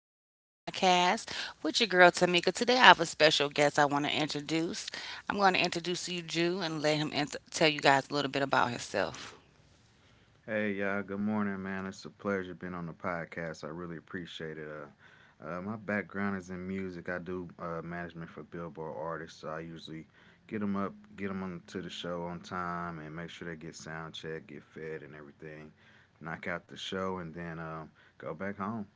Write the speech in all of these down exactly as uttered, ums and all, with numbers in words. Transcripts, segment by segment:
Child Podcast with your girl Tamika. Today, I have a special guest I want to introduce. I'm going to introduce you, Jew, and let him int- tell you guys a little bit about himself. Hey, y'all. Good morning, man. It's a pleasure being on the podcast. I really appreciate it. Uh, uh, my background is in music. I do uh, management for Billboard artists, so I usually get them up, get them on to the show on time, and make sure they get sound check, get fed, and everything. Knock out the show, and then um, go back home.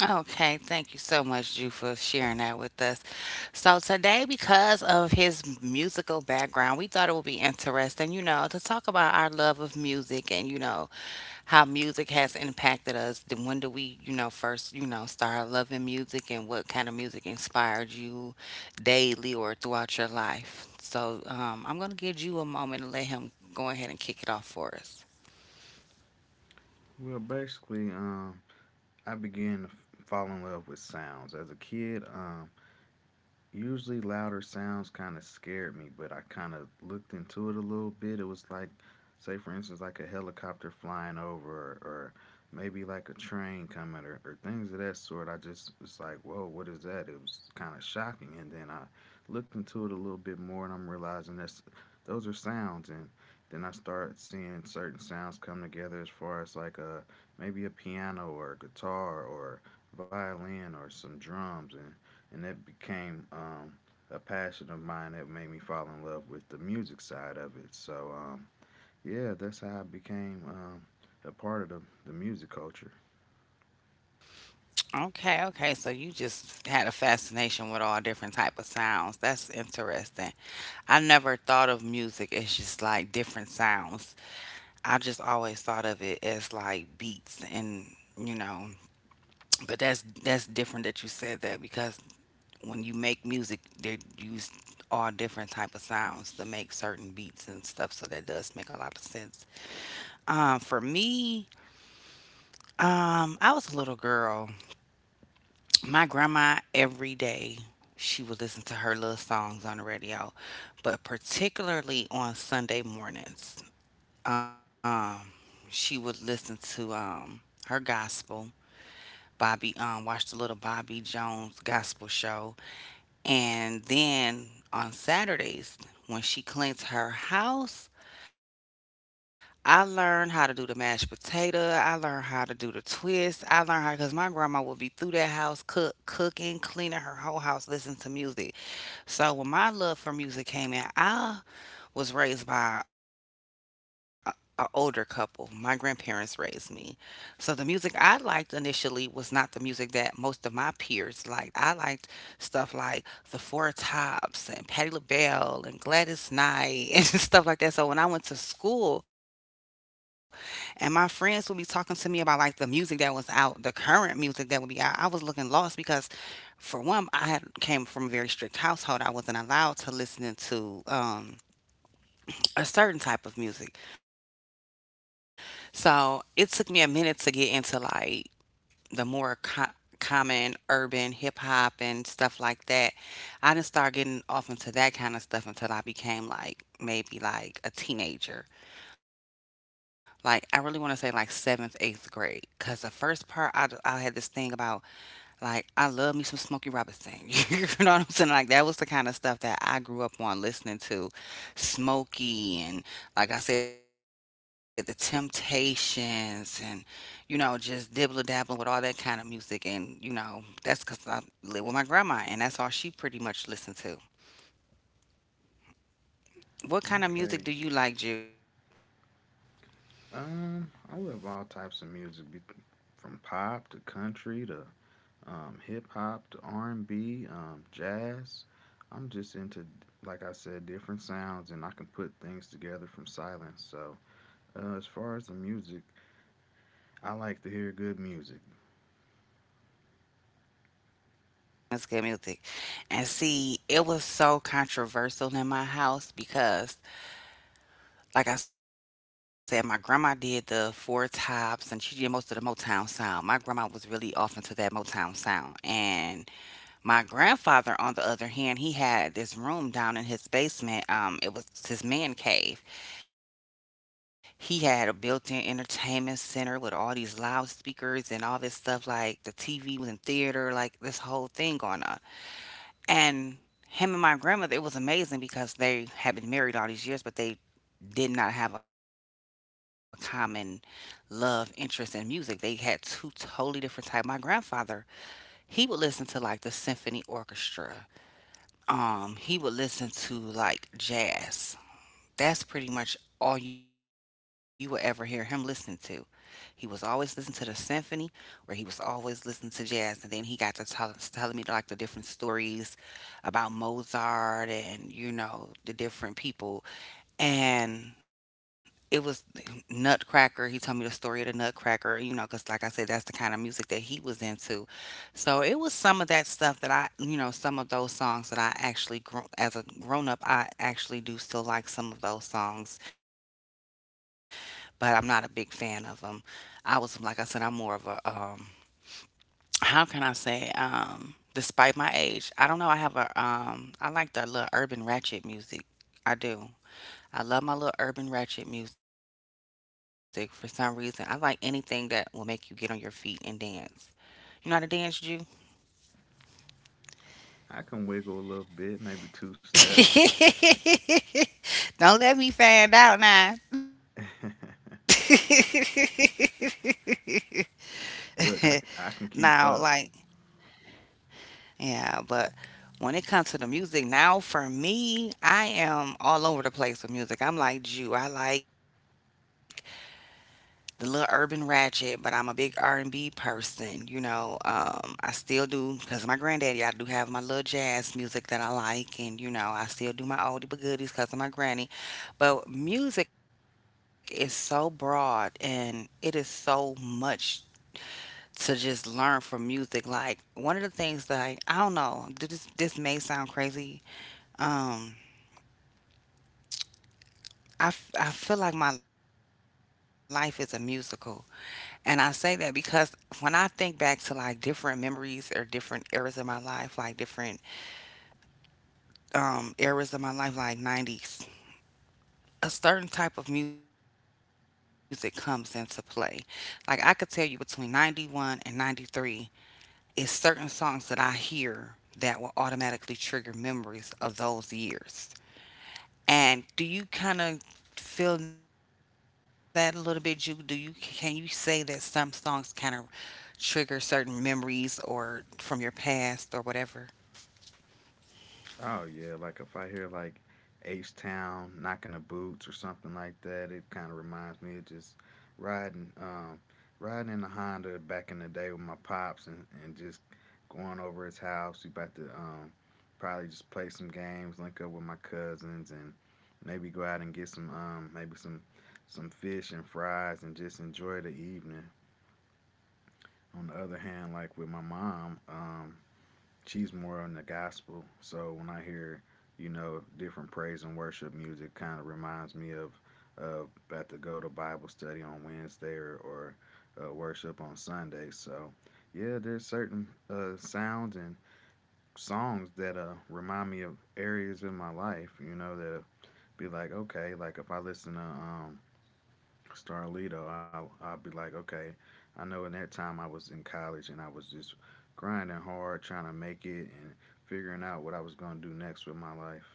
Okay, thank you so much, Jew, for sharing that with us. So today, because of his musical background, we thought it would be interesting, you know, to talk about our love of music and, you know, how music has impacted us. Then when do we, you know, first, you know, start loving music, and what kind of music inspired you daily or throughout your life? So um, I'm going to give you a moment and let him go ahead and kick it off for us. Well, basically, um, I began to f- fall in love with sounds as a kid. Um, usually louder sounds kind of scared me, but I kind of looked into it a little bit. It was like, say, for instance, like a helicopter flying over, or, or maybe like a train coming, or, or things of that sort. I just was like, whoa, what is that? It was kind of shocking. And then I looked into it a little bit more, and I'm realizing that's those are sounds. And then I start seeing certain sounds come together as far as like a maybe a piano or a guitar or violin or some drums and and it became um, a passion of mine that made me fall in love with the music side of it. So um, yeah, that's how I became um, a part of the, the music culture. Okay, okay. So you just had a fascination with all different type of sounds. That's interesting. I never thought of music as just like different sounds. I just always thought of it as like beats and you know, but that's that's different that you said that, because when you make music, they use all different type of sounds to make certain beats and stuff. So that does make a lot of sense. Um, for me, um, I was a little girl. My grandma every day she would listen to her little songs on the radio, but particularly on Sunday mornings, um, she would listen to um her gospel. Bobby um Watched the little Bobby Jones gospel show. And then on Saturdays, when she cleans her house, I learned how to do the mashed potato. I learned how to do the twist. I learned how, because my grandma would be through that house, cook, cooking, cleaning her whole house, listening to music. So when my love for music came in, I was raised by a a older couple. My grandparents raised me. So the music I liked initially was not the music that most of my peers liked. I liked stuff like the Four Tops and Patti LaBelle and Gladys Knight and stuff like that. So when I went to school and my friends would be talking to me about like the music that was out, the current music that would be out, I was looking lost, because for one, I had came from a very strict household. I wasn't allowed to listen to um a certain type of music. So it took me a minute to get into like the more co- common urban hip hop and stuff like that. I didn't start getting off into that kind of stuff until I became like maybe like a teenager. Like I really want to say like seventh, eighth grade. Cause the first part I, I had this thing about like I love me some Smokey Robinson. You know what I'm saying? Like that was the kind of stuff that I grew up on listening to, Smokey and like I said, the Temptations and you know just dibble dabbling with all that kind of music, and you know that's because I live with my grandma and that's all she pretty much listened to. What Okay, kind of music do you like, Jew? um, I love all types of music, be- from pop to country to um, hip hop to R and B, um, jazz. I'm just into, like I said, different sounds, and I can put things together from silence. So uh, as far as the music, I like to hear good music. That's good music. And see, it was so controversial in my house because, like I said, my grandma did the Four Tops and she did most of the Motown sound. My grandma was really off into that Motown sound. And my grandfather, on the other hand, he had this room down in his basement. Um, it was his man cave. He had a built-in entertainment center with all these loudspeakers and all this stuff. Like the T V was in theater, like this whole thing going on. And him and my grandmother, it was amazing because they had been married all these years, but they did not have a common love interest in music. They had two totally different types. My grandfather, he would listen to like the symphony orchestra. Um, he would listen to like jazz. That's pretty much all you would ever hear him listen to. He was always listening to the symphony, or he was always listening to jazz. And then he got to tell, telling me like the different stories about Mozart and you know the different people. And it was Nutcracker. He told me the story of the Nutcracker. You know, because like I said, that's the kind of music that he was into. So it was some of that stuff that I, you know, some of those songs that I actually, gro- as a grown up, I actually do still like some of those songs, but I'm not a big fan of them. I was, like I said, I'm more of a, um, how can I say, um, despite my age, I don't know. I have a, um, I like the little urban ratchet music. I do. I love my little urban ratchet music for some reason. I like anything that will make you get on your feet and dance. You know how to dance, Jew? I can wiggle a little bit, maybe two step. Don't let me find out now. Look, I, c- I Now, can like, keep up. yeah, but when it comes to the music now, for me, I am all over the place with music. I'm like Jew. I like the little urban ratchet, but I'm a big R and B person. You know, um, I still do because of my granddaddy. I do have my little jazz music that I like, and you know, I still do my oldie but goodies because of my granny. But music is so broad, and it is so much to just learn from music. Like one of the things that I, I don't know, th- this this may sound crazy, um, I, f- I feel like my life is a musical. And I say that because when I think back to like different memories or different eras of my life, like different um, eras of my life, like nineties, a certain type of music comes into play. Like I could tell you between ninety-one and ninety-three, it's certain songs that I hear that will automatically trigger memories of those years. And do you kind of feel that a little bit? You do you can you say that some songs kind of trigger certain memories or from your past or whatever? Oh yeah, like if I hear like H Town knocking the boots or something like that, it kind of reminds me of just riding, um, riding in the Honda back in the day with my pops and, and just going over his house. We about to um, probably just play some games, link up with my cousins, and maybe go out and get some um, maybe some some fish and fries and just enjoy the evening. On the other hand, like with my mom, um, she's more on the gospel. So when I hear, you know, different praise and worship music, kind of reminds me of uh, about to go to Bible study on Wednesday or, or uh, worship on Sunday. So yeah, there's certain uh, sounds and songs that uh, remind me of areas in my life, you know, that be like, okay, like if I listen to um, Starlito, I'll, I'll be like, okay, I know in that time I was in college and I was just grinding hard, trying to make it and figuring out what I was going to do next with my life.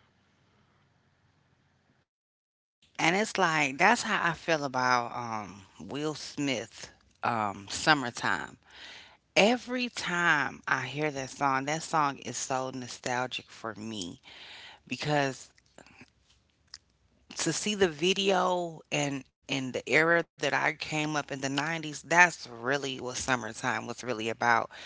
And it's like that's how I feel about um Will Smith um Summertime. Every time I hear that song, that song is so nostalgic for me because to see the video and in the era that I came up in the nineties, that's really what summertime was really about.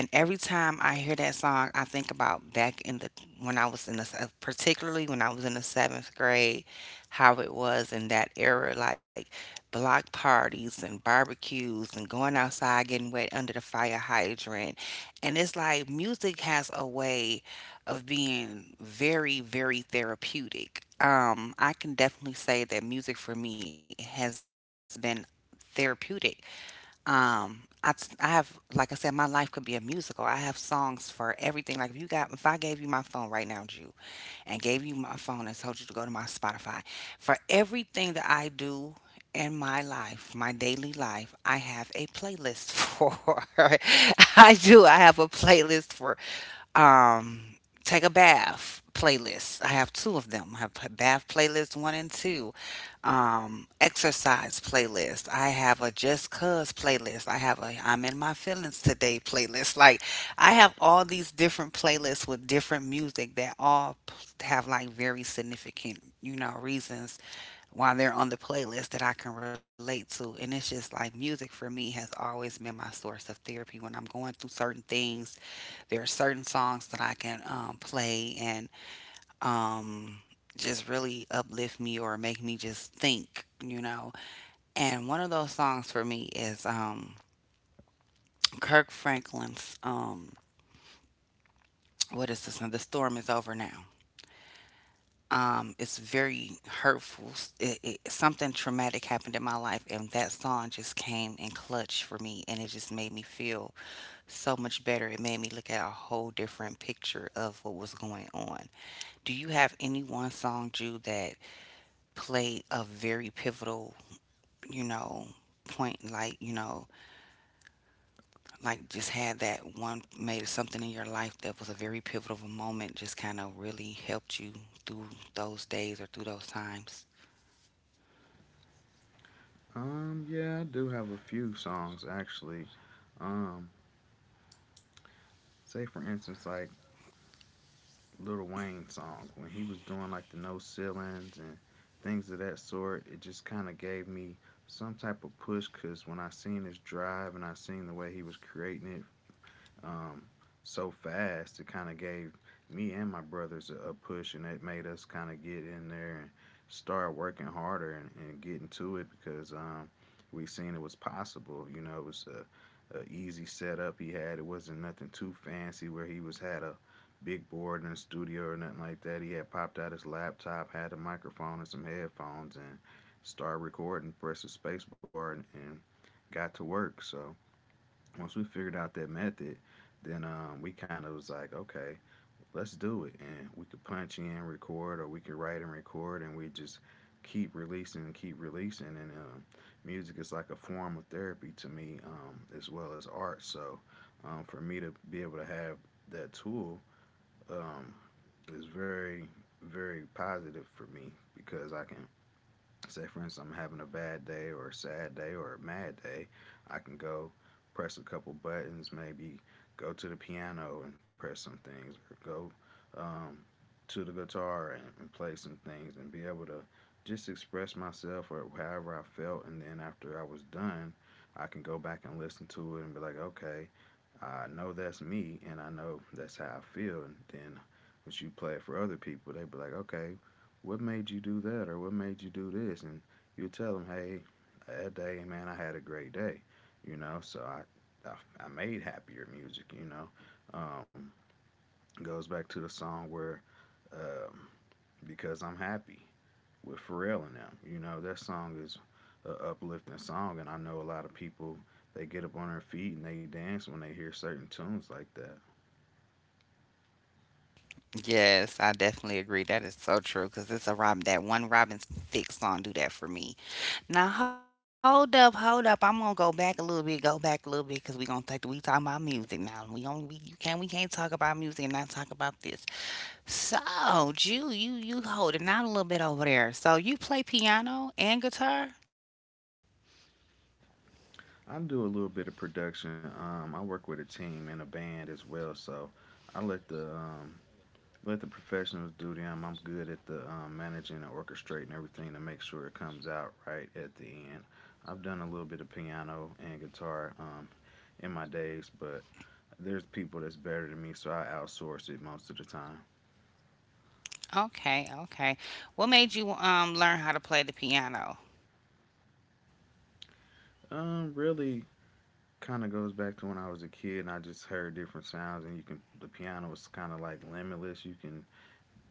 And every time I hear that song, I think about back in the when I was in the se- particularly when I was in the seventh grade, how it was in that era, like block parties and barbecues and going outside getting wet under the fire hydrant. And it's like music has a way of being very, very therapeutic. Um, I can definitely say that music for me has been therapeutic. Um, I, s- I have, like I said, my life could be a musical. I have songs for everything. Like if you got, if I gave you my phone right now, Jew, and gave you my phone and told you to go to my Spotify, for everything that I do in my life, my daily life, I have a playlist for. I do. I have a playlist for. Um, take a bath playlist. I have two of them. I have a bath playlist one and two. Um, exercise playlist. I have a just cuz playlist. I have a I'm in my feelings today playlist. Like I have all these different playlists with different music that all p- have like very significant, you know, reasons why they're on the playlist that I can relate to. And it's just like music for me has always been my source of therapy when I'm going through certain things. There are certain songs that I can um, play and um, just really uplift me or make me just think, you know. And one of those songs for me is um, Kirk Franklin's, um, what is this one? The Storm is Over Now. Um, it's very hurtful. It, it, something traumatic happened in my life, and that song just came in clutch for me, and it just made me feel so much better. It made me look at a whole different picture of what was going on. Do you have any one song, Jew, that played a very pivotal, you know, point? Like, you know, like just had that one made something in your life that was a very pivotal moment, just kind of really helped you through those days or through those times? Um, yeah, I do have a few songs actually. Um, Say for instance, like Lil Wayne song when he was doing like the no ceilings and things of that sort. It just kind of gave me some type of push because when I seen his drive and I seen the way he was creating it um, so fast. It kind of gave me and my brothers a, a push, and it made us kind of get in there and start working harder and, and getting to it because um, we seen it was possible. You know, it was a, a easy setup he had. It wasn't nothing too fancy where he was had a big board in the studio or nothing like that. He had popped out his laptop, had a microphone and some headphones, and started recording, pressed the space bar, and, and got to work. So once we figured out that method, then um, we kind of was like, okay, let's do it. And we could punch in, record, or we could write and record, and we just keep releasing and keep releasing. And um, music is like a form of therapy to me, um, as well as art. So um, for me to be able to have that tool um, is very, very positive for me because I can say, for instance, I'm having a bad day or a sad day or a mad day. I can go press a couple buttons, maybe go to the piano and press some things, or go um, to the guitar and, and play some things and be able to just express myself or however I felt. And then after I was done, I can go back and listen to it and be like, okay, I know that's me and I know that's how I feel. And then when you play it for other people, they'd be like, okay, what made you do that or what made you do this? And you tell them, hey, that day, man, I had a great day, you know. So I, I, I made happier music, you know. Um, it goes back to the song where um, because I'm happy with Pharrell and them. You know, that song is an uplifting song, and I know a lot of people they get up on their feet and they dance when they hear certain tunes like that. Yes, I definitely agree. That is so true because it's a Robin. That one Robin Thicke song do that for me. Now hold up, hold up. I'm gonna go back a little bit, go back a little bit because we gonna take we talking about music now. We only we you can't we can't talk about music and not talk about this. So Jew, you you holding out a little bit over there. So you play piano and guitar. I do a little bit of production. Um, I work with a team and a band as well, so I let the um, let the professionals do them. I'm good at the um, managing and orchestrating everything to make sure it comes out right at the end. I've done a little bit of piano and guitar um, in my days, but there's people that's better than me, so I outsource it most of the time. Okay, okay. What made you um learn how to play the piano? Um, really kind of goes back to when I was a kid and I just heard different sounds and you can the piano was kind of like limitless. You can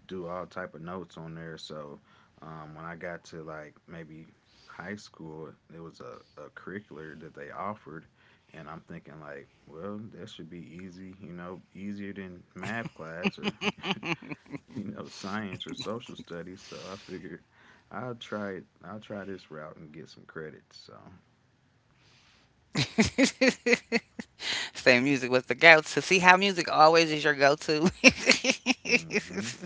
do all type of notes on there. So um, when I got to like maybe high school, it was a, a curricular that they offered and I'm thinking like, well, that should be easy, you know, easier than math class or you know, science or social studies. So I figured I'll try it. I'll try this route and get some credits. So, Say music was the go to. See how music always is your go to? hmm.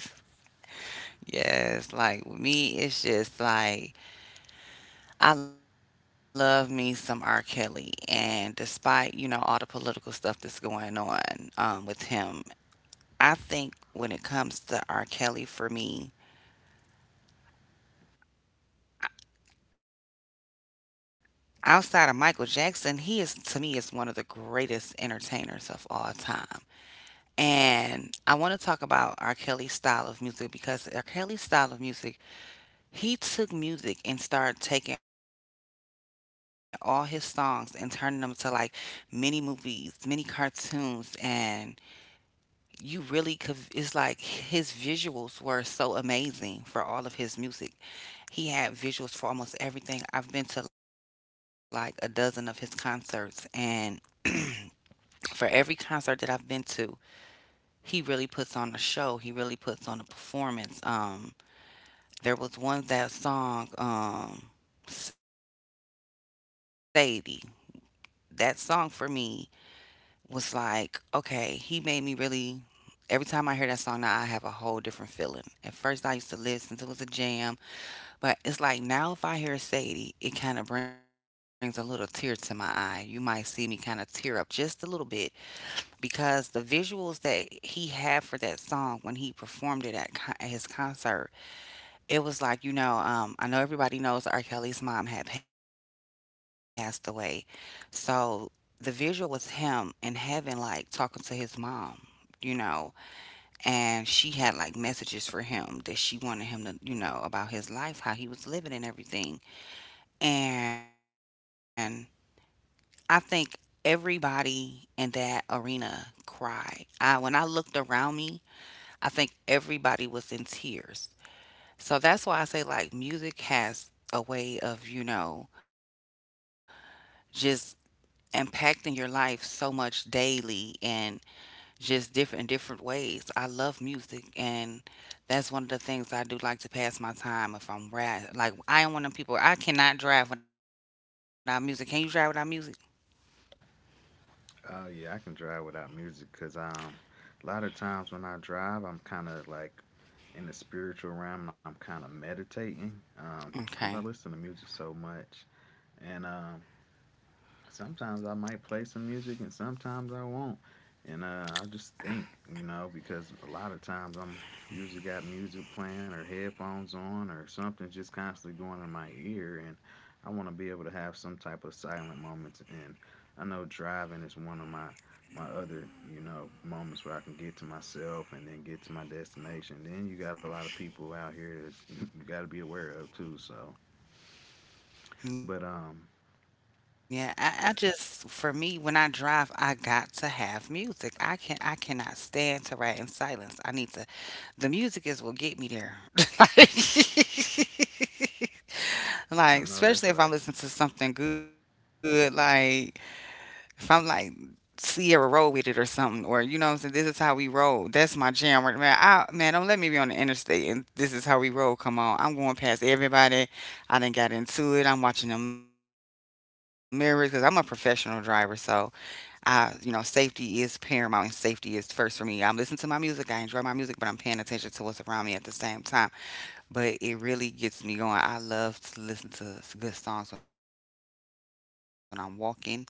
Yes, like with me, it's just like I love me some R. Kelly. And despite, you know, all the political stuff that's going on, um, with him, I think when it comes to R. Kelly, for me, outside of Michael Jackson, he is to me is one of the greatest entertainers of all time. And I want to talk about R. Kelly's style of music, because R. Kelly's style of music, he took music and started taking all his songs and turning them to like mini movies, mini cartoons, and you really could. It's like his visuals were so amazing for all of his music. He had visuals for almost everything. I've been to like a dozen of his concerts, and for every concert that I've been to, he really puts on a show. He really puts on a performance. Um, there was one that song, um, Sadie. That song for me was like, okay, he made me really. Every time I hear that song now, I have a whole different feeling. At first, I used to listen to it was a jam, but it's like now, if I hear Sadie, it kind of brings a little tear to my eye. You might see me kind of tear up just a little bit because the visuals that he had for that song when he performed it at, con- at his concert, it was like, you know, um, I know everybody knows R. Kelly's mom had passed away. So the visual was him in heaven, like talking to his mom, you know, and she had like messages for him that she wanted him to, you know, about his life, how he was living and everything. And I think everybody in that arena cried. I When I looked around me, I think everybody was in tears. So that's why I say like music has a way of, you know, just impacting your life so much daily and just different different ways. I love music, and that's one of the things I do like to pass my time if I'm rad. Like, I am one of them people, I cannot drive without music. Can you drive without music? Uh, yeah, I can drive without music because um, a lot of times when I drive, I'm kind of like in the spiritual realm and I'm kind of meditating um, because I listen to music so Okay. much. And um, sometimes I might play some music and sometimes I won't. And uh, I just think, you know, because a lot of times I'm usually got music playing or headphones on or something just constantly going in my ear. And I want to be able to have some type of silent moments. And I know driving is one of my my other, you know, moments where I can get to myself and then get to my destination. Then you got a lot of people out here that's you got to be aware of too. So, but um, Yeah, I, I just for me when I drive, I got to have music. I can I cannot stand to ride in silence. I need to The music is what get me there. Like, I like, know that's especially right. if I'm listening to something good, like if I'm like Sierra, roll with it or something, or you know, what I'm saying, this is how we roll. That's my jam right now, man. I Man, don't let me be on the interstate and this is how we roll. Come on, I'm going past everybody. I didn't got into it. I'm watching the mirrors because I'm a professional driver, so I, you know, safety is paramount and safety is first for me. I'm listening to my music. I enjoy my music, but I'm paying attention to what's around me at the same time. But it really gets me going. I love to listen to good songs when I'm walking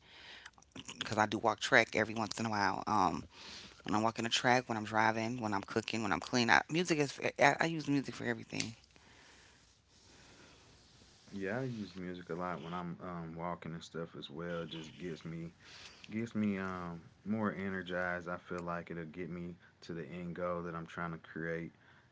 because I do walk track every once in a while. Um when I'm walking the track, when I'm driving, when I'm cooking, when I'm cleaning. I, music is, I, I use music for everything. Yeah, I use music a lot when I'm um, walking and stuff as well. It just gets me gets me um more energized. I feel like it'll get me to the end goal that I'm trying to create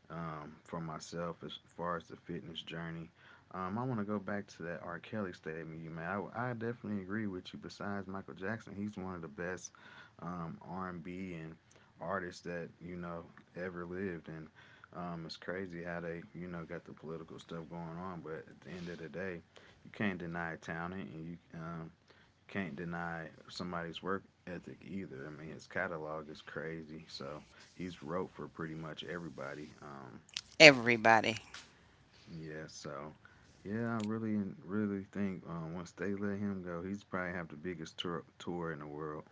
um, for myself as far as the fitness journey. Um, I want to go back to that R. Kelly statement you made. I, I definitely agree with you. Besides Michael Jackson, he's one of the best um, R and B and B and artists that you know ever lived, and um, it's crazy how they you know got the political stuff going on. But at the end of the day, you can't deny talent, and you um, can't deny somebody's work ethic either. I mean, his catalog is crazy. So he's wrote for pretty much everybody. Um, Everybody. Yeah. So yeah, I really, really think um, once they let him go, he's probably have the biggest tour tour in the world.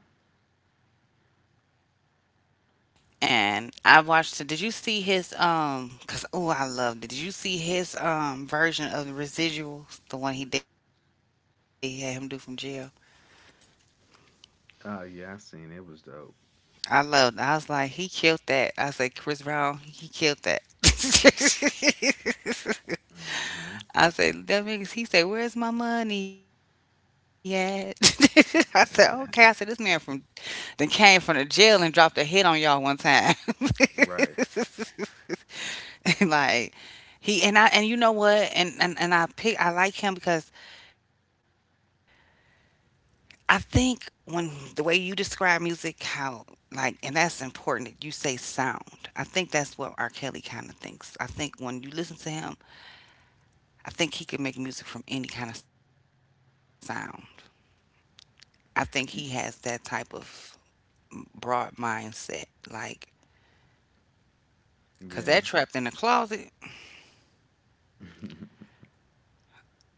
And I watched, did you see his, um, cause, oh, I loved it. Did you see his, um, version of the residuals? The one he did, he had him do from jail. Uh, yeah, I seen it, it was dope. I loved it. I was like, he killed that. I said, Chris Brown, he killed that. Hmm. I said, that niggas, he said, where's my money at? I said, okay. I said, this man from, then came from the jail and dropped a hit on y'all one time. Right. And like, he and I, and you know what? And and, and I pick I like him because I think, when the way you describe music, how, like, and that's important that you say sound. I think that's what R. Kelly kinda thinks. I think when you listen to him, I think he can make music from any kind of sound. I think he has that type Y- of broad mindset. Like, cause yeah. that trapped in the closet.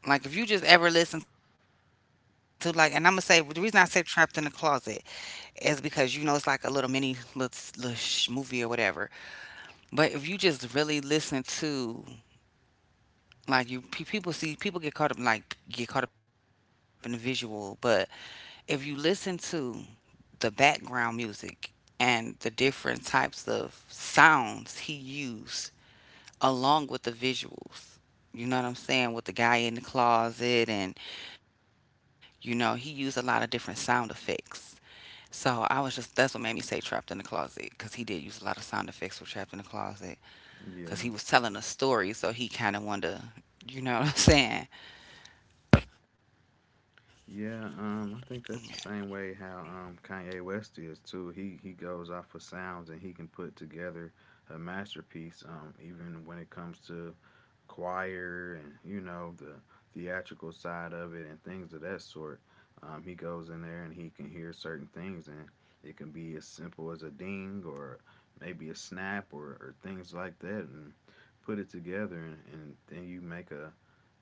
Like, if you just ever listen to like, and I'm gonna say the reason I say "Trapped in the Closet" is because, you know, it's like a little mini little, little sh- movie or whatever. But if you just really listen to, like, you pe- people see people get caught up, like get caught up in the visual, but if you listen to the background music and the different types of sounds he used along with the visuals. You know what I'm saying? With the guy in the closet, and you know, he used a lot of different sound effects. So I was just, that's what made me say Trapped in the Closet, cuz he did use a lot of sound effects for Trapped in the Closet cuz he was Yeah. telling a story, so he kind of wanted to, you know what I'm saying? Yeah, um, I think that's the same way how um, Kanye West is too. He he goes off of sounds and he can put together a masterpiece. Um, even when it comes to choir and you know the theatrical side of it and things of that sort, um, he goes in there and he can hear certain things and it can be as simple as a ding or maybe a snap or, or things like that and put it together and, and then you make a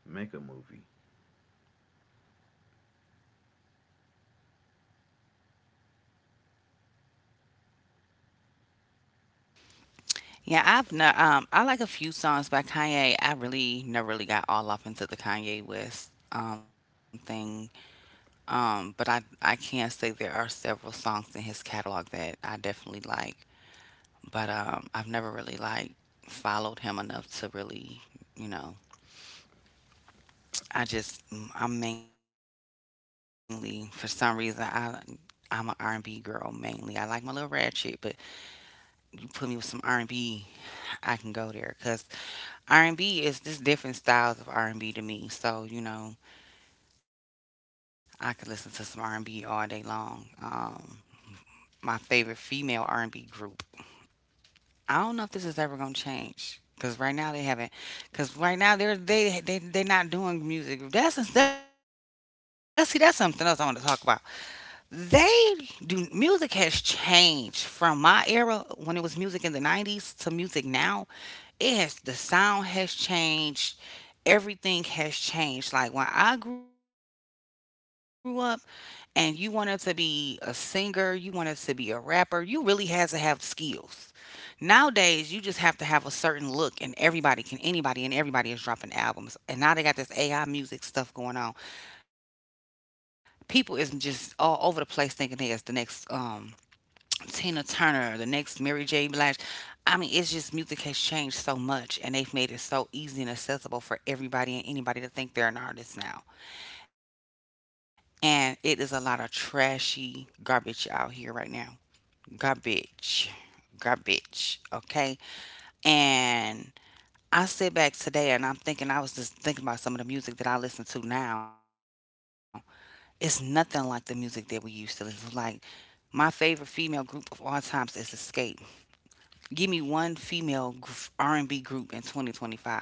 make a movie. Yeah, I've no, um I like a few songs by Kanye. I really never really got all up into the Kanye West um thing. Um, but I I can say there are several songs in his catalog that I definitely like. But um, I've never really like followed him enough to really, you know. I just mm, I'm mainly, for some reason, I I'm an R and B girl mainly. I like my little ratchet, but you put me with some R and B, I can go there cuz R and B is just different styles of R and B to me. So, you know, I could listen to some R and B all day long. Um my favorite female R and B group, I don't know if this is ever gonna change, because right now they haven't. Because right now they're they they they're not doing music. That's that's See, that's something else I want to talk about. They do Music has changed from my era, when it was music in the nineties, to music now. It has The sound has changed. Everything has changed. Like when I grew up, and you wanted to be a singer, you wanted to be a rapper, you really had to have skills. Nowadays, you just have to have a certain look, and everybody can, anybody, and everybody is dropping albums. And now they got this A I music stuff going on. People is just all over the place thinking they is the next, um, Tina Turner, the next Mary J. Blige. I mean, it's just music has changed so much, and they've made it so easy and accessible for everybody and anybody to think they're an artist now. And it is a lot of trashy garbage out here right now. Garbage. Garbage. Okay. And I sit back today and I'm thinking, I was just thinking about some of the music that I listen to now. It's nothing like the music that we used to listen to. Like, my favorite female group of all times is Escape. Give me one female gr- R and B group in twenty twenty-five.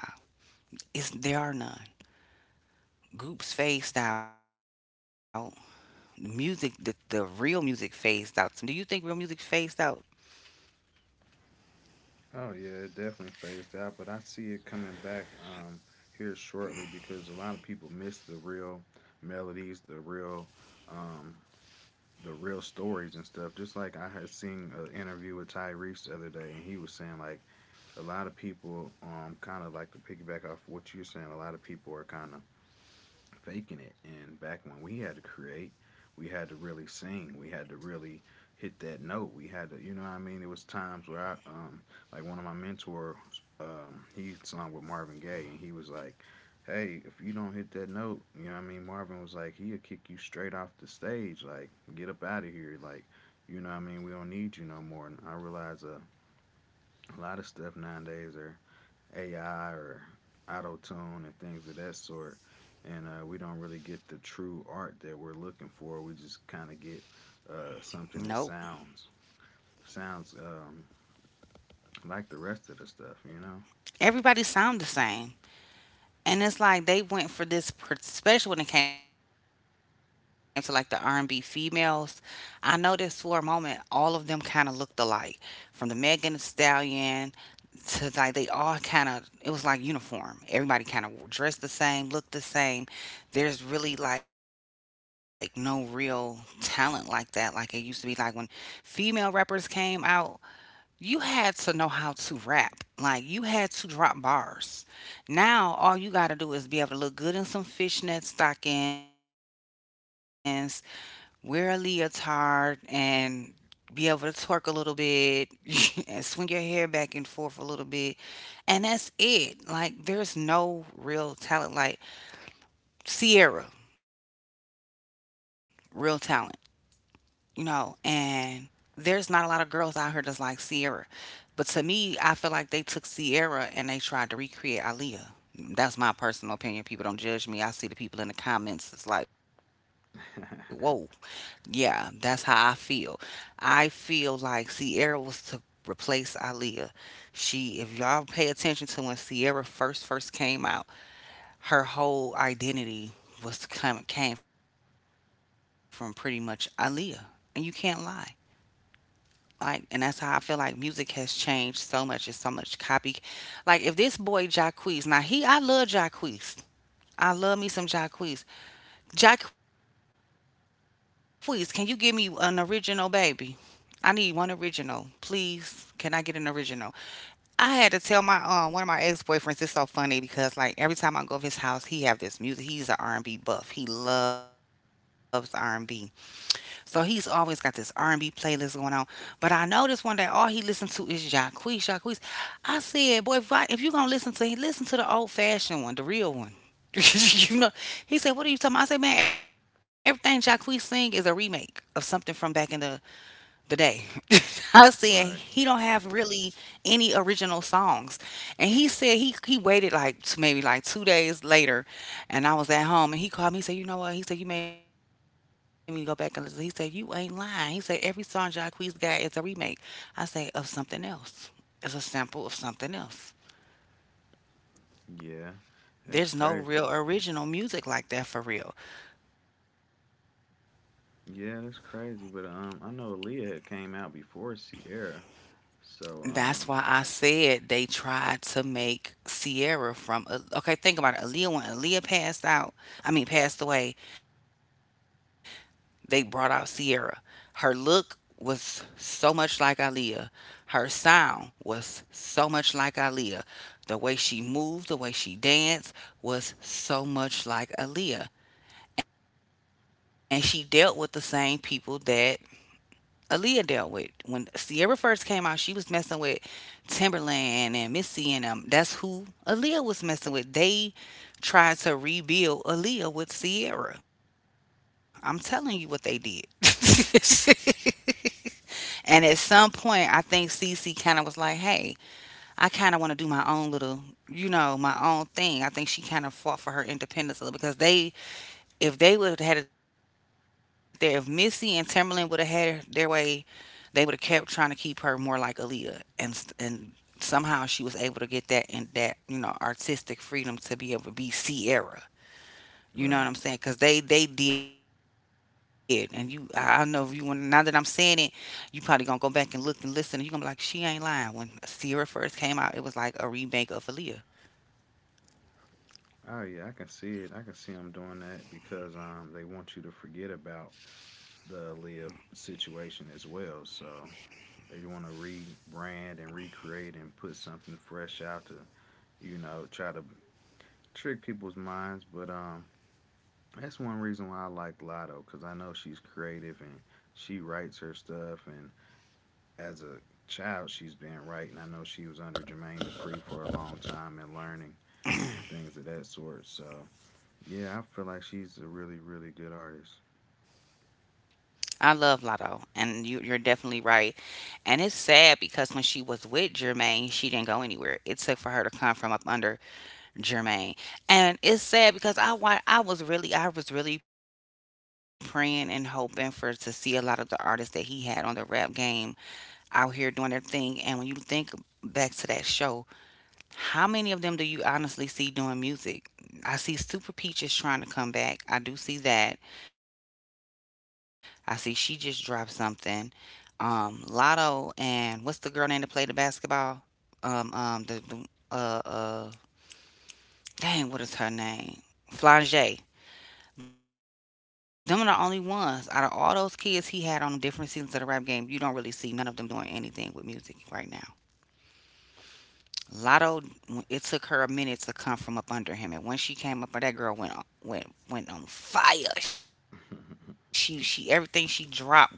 It's, there are none. Groups phased out. The music, the, the real music phased out. Do you think real music phased out? Oh yeah, it definitely phased out, but I see it coming back um, here shortly because a lot of people miss the real melodies, the real, um, the real stories and stuff. Just like I had seen an interview with Tyrese the other day, and he was saying like a lot of people, um, kind of like to piggyback off what you're saying. A lot of people are kind of faking it. And back when we had to create, we had to really sing. We had to really hit that note. We had to, you know what I mean? It was times where I, um, like one of my mentors, um, he sung with Marvin Gaye, and he was like, hey, if you don't hit that note, you know what I mean? Marvin was like, he'll kick you straight off the stage. Like, get up out of here. Like, you know what I mean? We don't need you no more. And I realize uh, a lot of stuff nowadays are A I or auto tune and things of that sort. And uh, we don't really get the true art that we're looking for. We just kind of get No. uh, something that sounds sounds um, like the rest of the stuff, you know? Everybody sound the same. And it's like they went for this, per- especially when it came to like the R and B females. I noticed for a moment all of them kind of looked alike, from the Megan Thee Stallion to, like, they all kind of, it was like uniform. Everybody kind of dressed the same, looked the same. There's really like no real talent like that. Like, it used to be like when female rappers came out, you had to know how to rap. Like, you had to drop bars. Now all you gotta do is be able to look good in some fishnet stockings, wear a leotard, and be able to twerk a little bit and swing your hair back and forth a little bit. And that's it. Like, there's no real talent. Like Sierra, real talent. You know, and there's not a lot of girls out here that's like Sierra. But to me, I feel like they took Sierra and they tried to recreate Aaliyah. That's my personal opinion. People don't judge me. I see the people in the comments. It's like, whoa, yeah, that's how I feel. I feel like Sierra was to replace Aaliyah. She, if y'all pay attention to when Sierra first first came out, her whole identity was come came from pretty much Aaliyah, and you can't lie. Like, and that's how I feel like music has changed so much. It's so much copy. Like, if this boy Jacquees, now he, I love Jacquees. I love me some Jacquees. Jacquees, can you give me an original, baby? I need one original, please. Can I get an original? I had to tell my um one of my ex boyfriends. It's so funny because like every time I go to his house, he have this music. He's an R and B buff. He loves R and B. So he's always got this R and B playlist going on. But I noticed one day all he listened to is Jacquees, Jacquees. I said, boy, if, I, if you going to listen to listen to the old-fashioned one, the real one. you know, he said, what are you talking about? I said, man, everything Jacquees sing is a remake of something from back in the the day. I said Right. he don't have really any original songs, and he said he he waited like t- maybe like two days later, and I was at home and he called me. He said, "You know what?" He said, "You made me go back and listen." He said, "You ain't lying." He said, "Every song Jacquees got is a remake." I say of something else. It's a sample of something else. Yeah, that's crazy. There's no real original music like that for real. Yeah, that's crazy. But um, I know Aaliyah had came out before Sierra, so um, That's why I said they tried to make Sierra from. uh, Okay, think about it. Aaliyah, when Aaliyah passed out, I mean, passed away, they brought out Sierra. Her look was so much like Aaliyah. Her sound was so much like Aaliyah. The way she moved, the way she danced was so much like Aaliyah. And she dealt with the same people that Aaliyah dealt with. When Sierra first came out, she was messing with Timberland and Missy and them. That's who Aaliyah was messing with. They tried to rebuild Aaliyah with Sierra. I'm telling you what they did. And at some point, I think Cece kind of was like, hey, I kind of want to do my own little. You know, my own thing. I think she kind of fought for her independence a little because they, if they would have had it there, if Missy and Timberland would have had it their way, they would have kept trying to keep her more like Aaliyah, and s- and somehow she was able to get that and that you know artistic freedom to be able to be Sierra. right. You know what I'm saying? Cause they they did, and you I I know if you want. Now that I'm saying it, you probably gonna go back and look and listen, and you gonna be like, she ain't lying. When Sierra first came out, it was like a remake of Aaliyah. Oh yeah, I can see it. I can see them doing that because um, they want you to forget about the Aaliyah situation as well. So they want to rebrand and recreate and put something fresh out to, you know, try to trick people's minds. But um, that's one reason why I like Lotto because I know she's creative and she writes her stuff. And as a child, she's been writing. I know she was under Jermaine Dupri for a long time and learning and things of that sort. So yeah, I feel like she's a really, really good artist. I love Lotto, and you you're definitely right. And it's sad because when she was with Jermaine, she didn't go anywhere. It took for her to come from up under Jermaine. And it's sad because I want I was really I was really praying and hoping for to see a lot of the artists that he had on the rap game out here doing their thing. And when you think back to that show, how many of them do you honestly see doing music? I see Super Peaches trying to come back. I do see that. I see she just dropped something. Um, Lotto and what's the girl name that played the basketball? Um, um, the, the uh uh Dang, what is her name? Flangey. Them are the only ones out of all those kids he had on them different seasons of the rap game. You don't really see none of them doing anything with music right now. Lotto, it took her a minute to come from up under him, and when she came up, that girl went on, went went on fire. She she everything she dropped was like boom.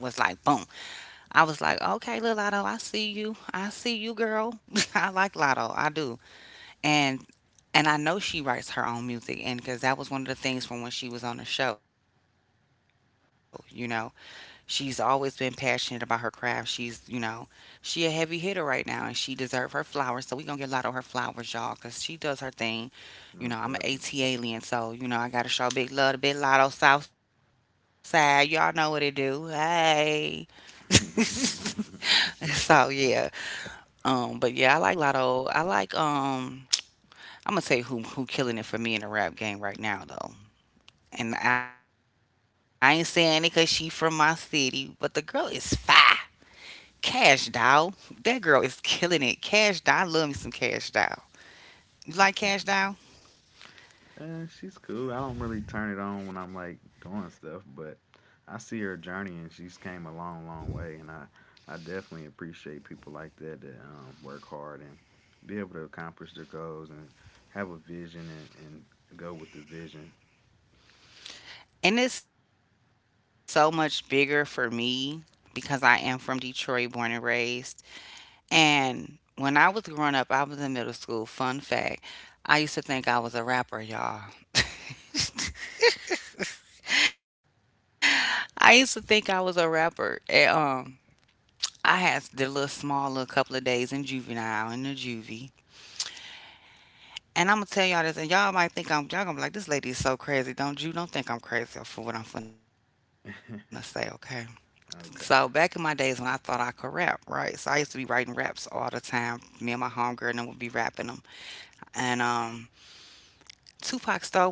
I was like, okay, little Lotto, I see you, I see you, girl. I like Lotto, I do. And And I know she writes her own music, and because that was one of the things from when she was on the show, you know, she's always been passionate about her craft. She's, you know, she a heavy hitter right now, and she deserve her flowers. So we gonna give Lotto her flowers, y'all, cause she does her thing. You know, I'm an Most A T definitely. alien, so you know I gotta show big love to Big Lotto Southside. Y'all know what it do. Hey. so yeah, um, but yeah, I like Lotto. I like um. I'm gonna tell you who who killing it for me in the rap game right now though. And I ain't saying it cause she from my city, but the girl is fire. Cash Dow, that girl is killing it. Cash Dow, I love me some Cash Dow. You like Cash Dow? Eh, she's cool. I don't really turn it on when I'm like doing stuff, but I see her journey and she's came a long, long way. And I, I definitely appreciate people like that that um, work hard and be able to accomplish their goals and have a vision and, and go with the vision. And it's so much bigger for me because I am from Detroit, born and raised. And when I was growing up, I was in middle school. Fun fact, I used to think I was a rapper, y'all. I used to think I was a rapper. And, um, I had did a little small little couple of days in juvenile in the juvie. And I'm gonna tell y'all this, and y'all might think I'm y'all gonna be like, this lady is so crazy. Don't you don't think I'm crazy for what I'm finna say, okay? Okay. So back in my days when I thought I could rap, right? So I used to be writing raps all the time. Me and my homegirl and them would be rapping them. And um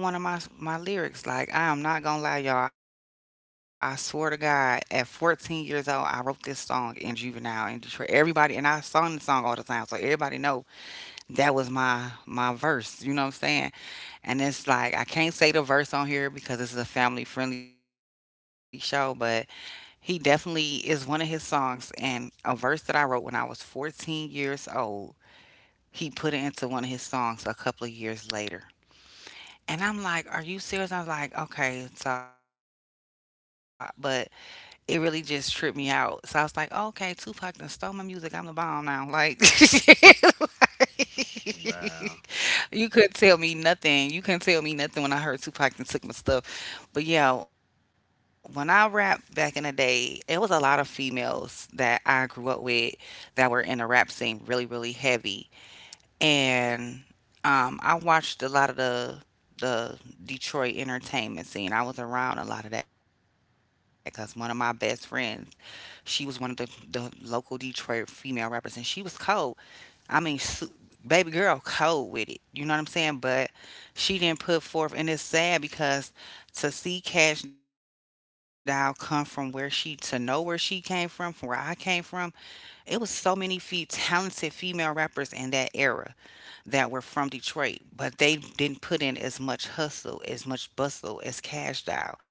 Tupac stole one of my my lyrics. Like I am not gonna lie, y'all. I swear to God, at fourteen years old, I wrote this song in juvenile in Detroit. Everybody and I sung the song all the time, so everybody know that was my my verse, you know what I'm saying? And it's like I can't say the verse on here because this is a family friendly show, but he definitely is, one of his songs and a verse that I wrote when I was fourteen years old, he put it into one of his songs a couple of years later. And I'm like, are you serious? I was like, okay, so, but it really just tripped me out. So I was like, oh, okay, Tupac done stole my music. I'm the bomb now, like Wow. you could tell me nothing. You couldn't tell me nothing when I heard Tupac and took my stuff. But yeah, when I rapped back in the day, it was a lot of females that I grew up with that were in the rap scene really, really heavy. And um, I watched a lot of the the Detroit entertainment scene. I was around a lot of that because one of my best friends, she was one of the, the local Detroit female rappers and she was cold. I mean, su- baby girl, cold with it. You know what I'm saying? But she didn't put forth, and it's sad because to see Cash Doll come from where she, to know where she came from, from where I came from, it was so many feet talented female rappers in that era that were from Detroit, but they didn't put in as much hustle, as much bustle as Cash Doll,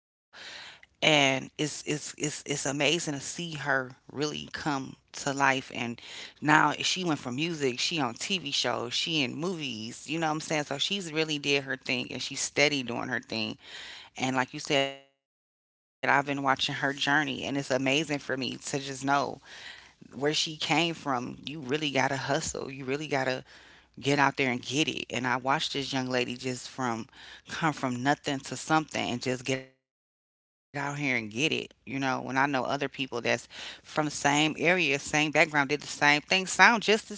and it's it's it's it's amazing to see her really come to life. And now she went from music, she on T V shows, she in movies, you know what I'm saying? So she's really did her thing, and she's steady doing her thing. And like you said, I've been watching her journey, and it's amazing for me to just know where she came from. You really gotta hustle, you really gotta get out there and get it. And I watched this young lady just from come from nothing to something and just get out here and get it. You know, when I know other people that's from the same area, same background, did the same thing, sound just as good.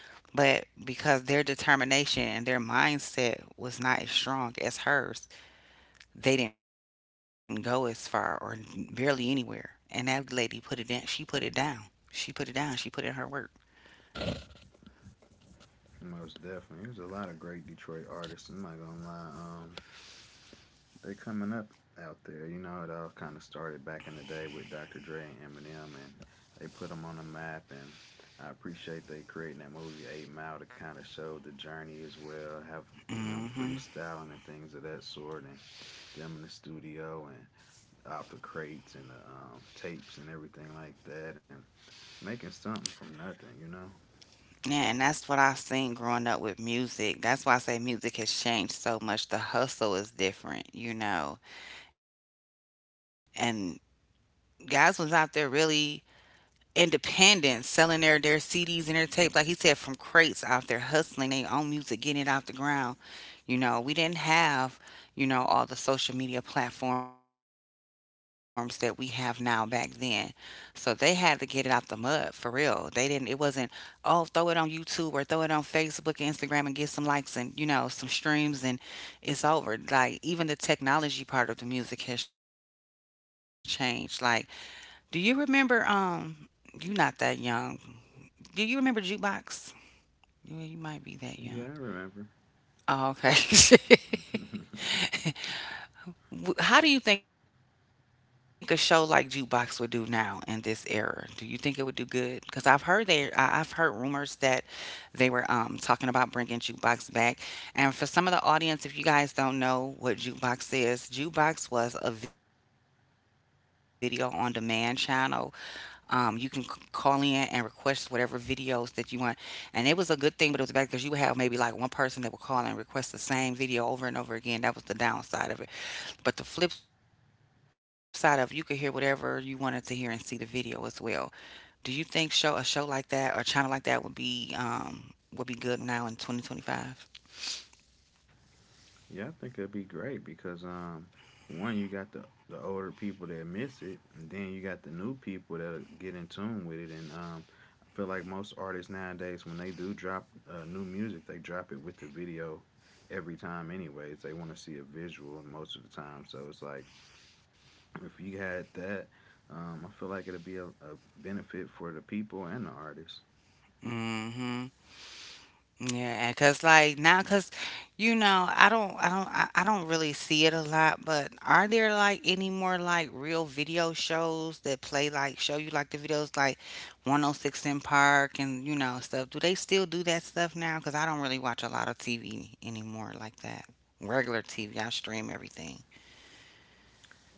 But because their determination and their mindset was not as strong as hers, they didn't go as far or barely anywhere. And that lady put it in. She put it down. She put it down. She put in her work. Most definitely. There's a lot of great Detroit artists. I'm not gonna lie. Um, they coming up out there. You know, it all kind of started back in the day with Doctor Dre and Eminem, and they put them on the map. And I appreciate they creating that movie Eight Mile to kind of show the journey as well, have him Hmm. freestyling and things of that sort, and them in the studio and off the crates and the um, tapes and everything like that, and making something from nothing. You know? Yeah, and that's what I seen growing up with music. That's why I say music has changed so much. The hustle is different, you know. And guys was out there really independent, selling their their C Ds and their tapes, like he said, from crates out there hustling their own music, getting it off the ground. You know, we didn't have, you know, all the social media platforms that we have now back then. So they had to get it out the mud for real. They didn't it wasn't, oh, throw it on YouTube or throw it on Facebook, Instagram and get some likes and, you know, some streams and it's over. Like even the technology part of the music has changed. Like do you remember? Um, you not that young. Do you remember jukebox? Yeah, you might be that young. Yeah, I remember. Oh, okay. W- How do you think a show like Jukebox would do now in this era? Do you think it would do good? Because I've heard they, I, I've heard rumors that they were um, talking about bringing Jukebox back. And for some of the audience, if you guys don't know what Jukebox is, Jukebox was a video on demand channel. Um, you can c- call in and request whatever videos that you want. And it was a good thing, but it was back because you would have maybe like one person that would call and request the same video over and over again. That was the downside of it. But the flip side of it, you could hear whatever you wanted to hear and see the video as well. Do you think show a show like that or channel like that would be um would be good now in twenty twenty-five? Yeah, I think it'd be great because um, one you got the the older people that miss it, and then you got the new people that get in tune with it. And um, I feel like most artists nowadays, when they do drop uh, new music, they drop it with the video every time. Anyways, they want to see a visual most of the time. So it's like if you had that, um, I feel like it'd be a, a benefit for the people and the artists. Mm-hmm. Yeah, because like now, because you know, I don't, I don't, I, I don't really see it a lot. But are there like any more like real video shows that play like show you like the videos like one oh six in Park and you know stuff? Do they still do that stuff now? Because I don't really watch a lot of T V anymore like that. Regular T V, I stream everything.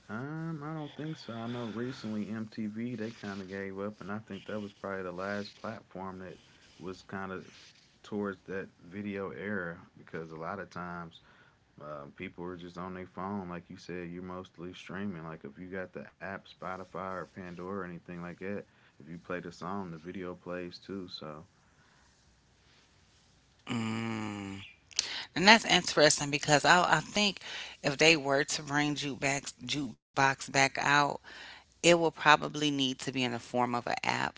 Um, I don't think so. I know recently M T V they kind of gave up, and I think that was probably the last platform that was kind of towards that video era because a lot of times uh, people are just on their phone, like you said. You're mostly streaming. Like if you got the app Spotify or Pandora or anything like that, if you play the song, the video plays too. So Mm. And that's interesting because I, I think if they were to bring jukebox jukebox back out, it will probably need to be in the form of an app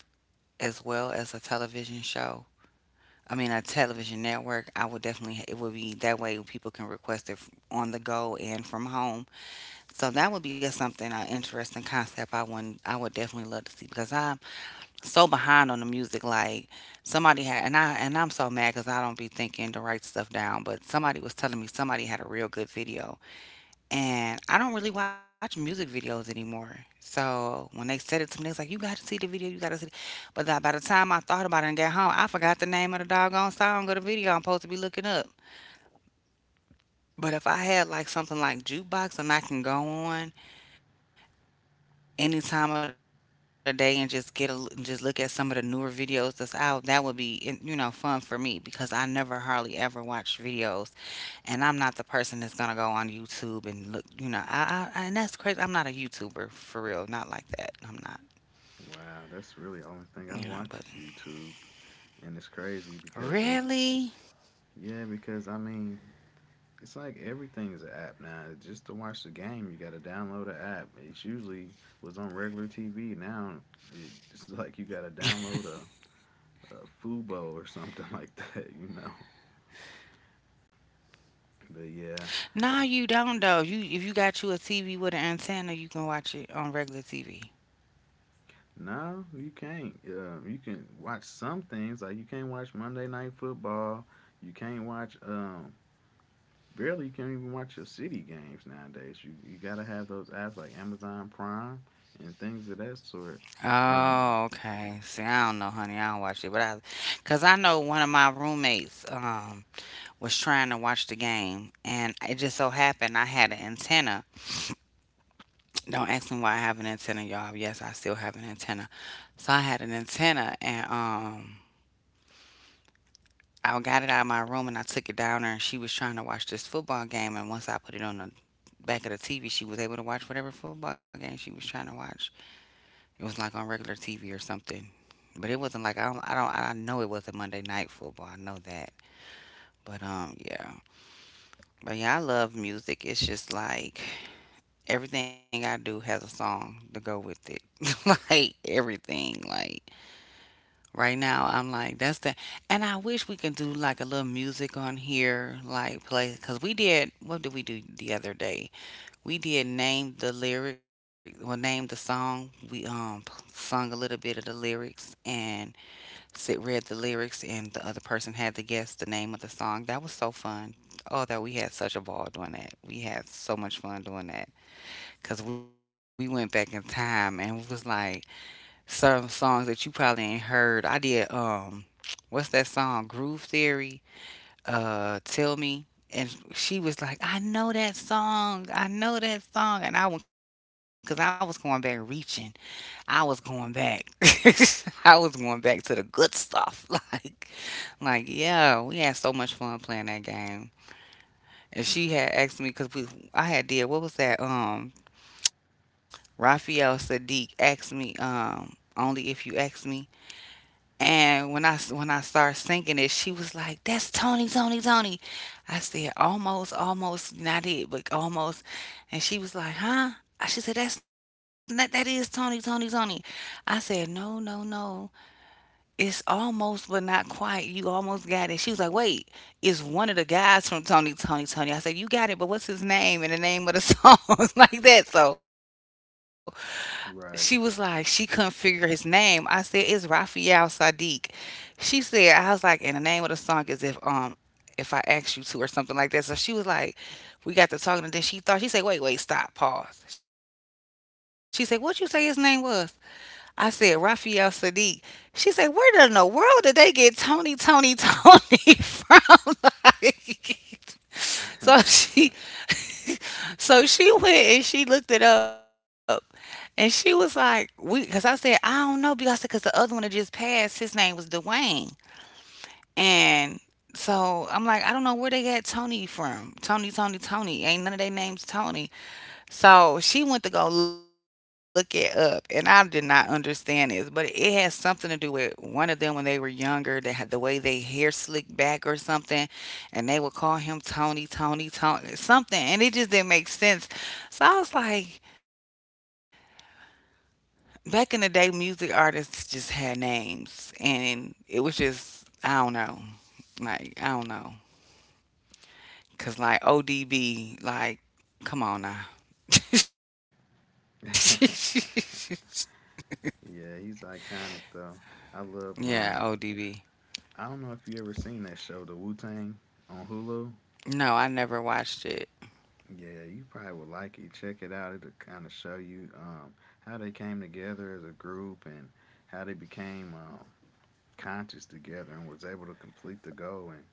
as well as a television show. I mean, a television network. I would definitely, it would be that way people can request it f- on the go and from home. So that would be a something, an interesting concept I wouldn't, I would definitely love to see because I'm so behind on the music. Like somebody had, and I, and I'm so mad because I don't be thinking to write stuff down, but somebody was telling me somebody had a real good video and I don't really watch music videos anymore. So when they said it to me, they was like, "You got to see the video. You got to see." the-" But that by the time I thought about it and got home, I forgot the name of the doggone song or the video I'm supposed to be looking up. But if I had like something like jukebox and I can go on any time of the day and just get a l- and just look at some of the newer videos that's out, that would be you know fun for me because I never hardly ever watch videos and I'm not the person that's gonna go on YouTube and look, you know, I, I and that's crazy. I'm not a YouTuber for real, not like that. I'm not, wow, you know, that's but really the only thing I watch is YouTube, and it's crazy really, because they yeah because I mean it's like everything's an app now. Just to watch the game, you got to download an app. It usually was on regular T V. Now it's like you got to download a, a Fubo or something like that, you know. But yeah, No, you don't though. You if you got you a T V with an antenna, you can watch it on regular T V. no, you can't. Uh, you can watch some things like you can't watch Monday Night Football. You can't watch. Um, barely you can't even watch your city games nowadays. You you got to have those apps like Amazon Prime and things of that sort. Um, Oh, okay. See, I don't know, honey. I don't watch it, but I, cause I know one of my roommates um was trying to watch the game, and it just so happened I had an antenna. Don't ask me why I have an antenna, y'all. Yes, I still have an antenna. So I had an antenna and um I got it out of my room and I took it down there and she was trying to watch this football game and once I put it on the back of the T V she was able to watch whatever football game she was trying to watch. It was like on regular T V or something. But it wasn't like I don't I don't I know it wasn't Monday night football. I know that. But um yeah. But yeah, I love music. It's just like everything I do has a song to go with it. Like everything. Like right now, I'm like, that's the, and I wish we can do like a little music on here, like play, because we did, what did we do the other day? We did name the lyric, well, name the song. We um sung a little bit of the lyrics and sit read the lyrics, and the other person had to guess the name of the song. That was so fun. Oh, that we had such a ball doing that. We had so much fun doing that because we went back in time and was like, certain songs that you probably ain't heard. I did um what's that song? Groove Theory, uh Tell Me. And she was like, I know that song. I know that song. And I went, because I was going back reaching. I was going back. I was going back to the good stuff. Like, like, yeah, we had so much fun playing that game. And she had mm, asked me, because we, I had did, what was that? Um, Raphael Sadiq asked me, um, only if you ask me. And when I when I started singing it, she was like, "That's Tony, Tony, Tony." I said, "Almost, almost, not it, but almost." And she was like, "Huh?" She said, "That's not that is Tony, Tony, Tony." I said, "No, no, no. It's almost, but not quite. You almost got it." She was like, "Wait, it's one of the guys from Tony, Tony, Tony." I said, "You got it, but what's his name and the name of the song like that?" So she right. was like, she couldn't figure his name. I said, it's Raphael Sadiq. She said, I was like, and the name of the song is if um if I ask you to or something like that. So she was like, we got to talking, and then she thought she said, wait, wait, stop, pause. She said, what you say his name was? I said, Raphael Sadiq. She said, where in the world did they get Tony, Tony, Tony from? Like, so she so she went and she looked it up, and she was like, "We," because I said, "I don't know," because I said because the other one that just passed, his name was Dwayne, and so I'm like, I don't know where they got Tony from. Tony, Tony, Tony. Ain't none of their names Tony. So she went to go look it up, and I did not understand this, but it has something to do with one of them when they were younger. They had the way they hair slicked back or something, and they would call him Tony, Tony, Tony, something, and it just didn't make sense. So I was like, back in the day, music artists just had names, and it was just I don't know, like I don't know, cause like O D B, like come on now. Yeah, he's iconic though. I love um, Yeah, I don't know O D B. if you ever seen that show, The Wu Tang on Hulu. No, I never watched Yeah, you it. probably would like it. Check it out. It'll kinda show you um how they came together as a group and how they became um conscious together and was able to complete the goal, and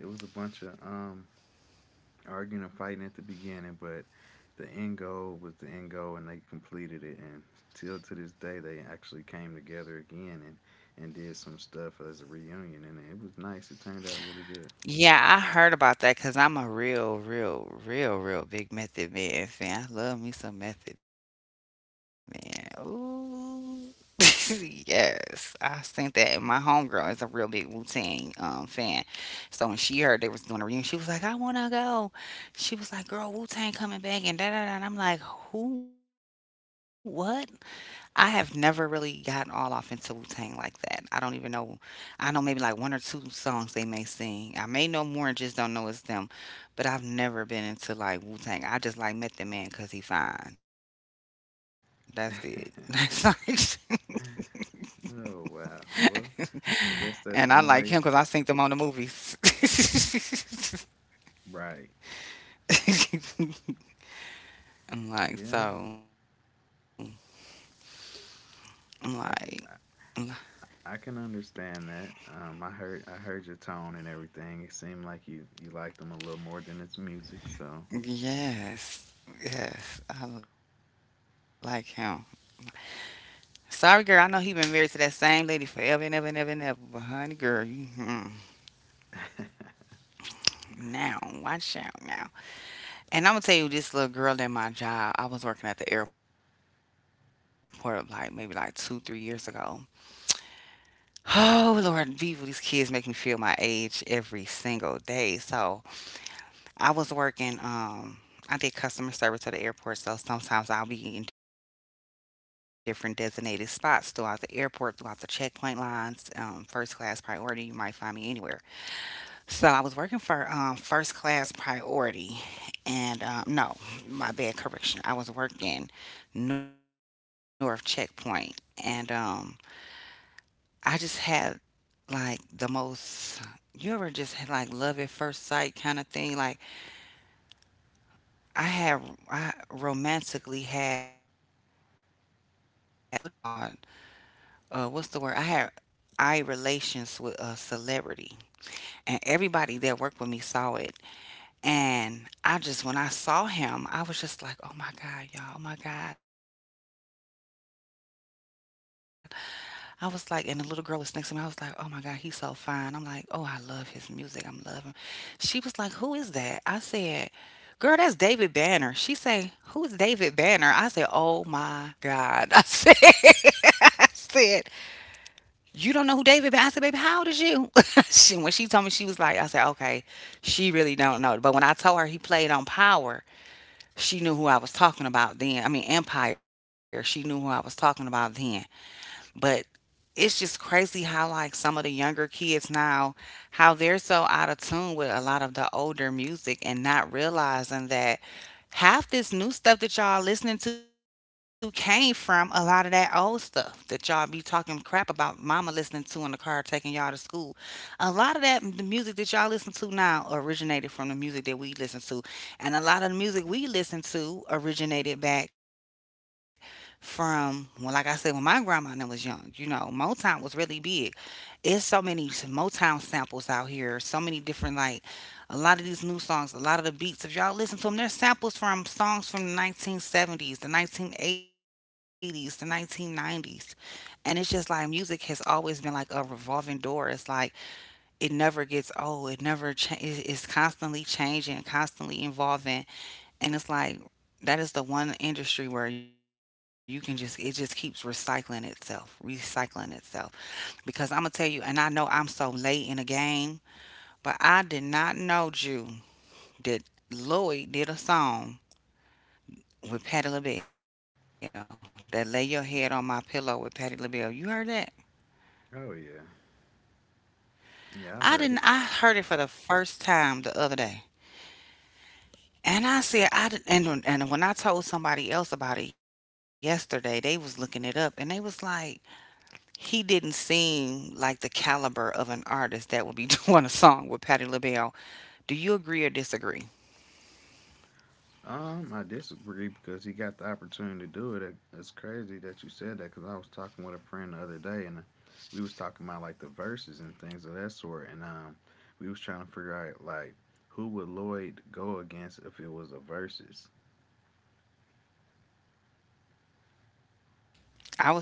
it was a bunch of um arguing and fighting at the beginning, but the end goal was the end goal, and they completed it. And till to this day, they actually came together again and and did some stuff as a reunion, and it was nice. It turned out really good. Yeah, I heard about that because I'm a real, real, real, real big Method Man fan. I love me some Method Man. Ooh. Yes, I think that. And my homegirl is a real big Wu Tang um, fan. So when she heard they was doing a reunion, she was like, I want to go. She was like, girl, Wu Tang coming back and da da da. And I'm like, who, what? I have never really gotten all off into Wu Tang like that. I don't even know. I know maybe like one or two songs they may sing. I may know more and just don't know it's them. But I've never been into like Wu Tang. I just like met the man because he fine. That's it. That's like, Oh wow. Well, I guess that's and I one like way. him because I seen them on the movies. Right. Yeah. I'm like, so I'm I can like, I'm I, I can understand that. Um, I heard I heard your tone and everything. It seemed like you you liked them a little more than its music. So. like, yes, yes, I like him. Sorry, girl. I know he been married to that same lady forever and ever and ever and ever. But honey, girl, you mm, now watch out now. And I'm gonna tell you, this little girl at my job. I was working at the airport like maybe like two, three years ago. Oh Lord, people, these kids make me feel my age every single day. So I was working, um, I did customer service at the airport, so sometimes I'll be in different designated spots throughout the airport, throughout the checkpoint lines, um, first class priority. You might find me anywhere. So I was working for um, first class priority, and um, no, my bad correction. I was working north checkpoint, and um, I just had like the most. You ever just had like love at first sight kind of thing? Like I had I romantically had uh what is it called? Uh what's the word? I had eye relations with a celebrity, and everybody that worked with me saw it. And I just when I saw him, I was just like, "Oh my God, y'all, oh my God." I was like, and the little girl was next to me. I was like, "Oh my God, he's so fine." I'm like, "Oh, I love his music. I'm loving." She was like, "Who is that?" I said, "Girl, that's David Banner." She say, "Who is David Banner?" I said, "Oh my God." I said, I said, "You don't know who David Banner?" I said, "Baby, how old is you?" she, when she told me, she was like, I said, "Okay, she really don't know." But when I told her he played on Power, she knew who I was talking about then. I mean, Empire, she knew who I was talking about then. But it's just crazy how like some of the younger kids now, how they're so out of tune with a lot of the older music, and not realizing that half this new stuff that y'all listening to came from a lot of that old stuff that y'all be talking crap about mama listening to in the car taking y'all to school. A lot of that the music that y'all listen to now originated from the music that we listen to, and a lot of the music we listen to originated back from, well, like I said, when my grandma and them was young, you know, Motown was really big. It's so many Motown samples out here, so many different like a lot of these new songs, a lot of the beats. If y'all listen to them, there's samples from songs from the nineteen seventies, the nineteen eighties, the nineteen nineties. And it's just like music has always been like a revolving door. It's like it never gets old. It never cha- it- it's constantly changing, constantly evolving. And it's like that is the one industry where you can just it just keeps recycling itself, recycling itself. Because I'm gonna tell you, and I know I'm so late in the game, but I did not know Jew that Lloyd did a song with Patti LaBelle, that "Lay Your Head on My Pillow" with Patti LaBelle. You heard that? Oh yeah. I didn't. I Yeah, heard it I've for heard the it. first time the other day. And I said, I did, and and when I told somebody else about it yesterday, they was looking it up, and they was like, he didn't seem like the caliber of an artist that would be doing a song with Patti LaBelle. Do you agree or disagree? Um, I disagree because he got the opportunity to do it. It. It's crazy that you said that because I was talking with a friend the other day and uh, we was talking about like the verses and things of that sort. And um, we was trying to figure out like who would Lloyd go against if it was a versus. I would say Jacquees.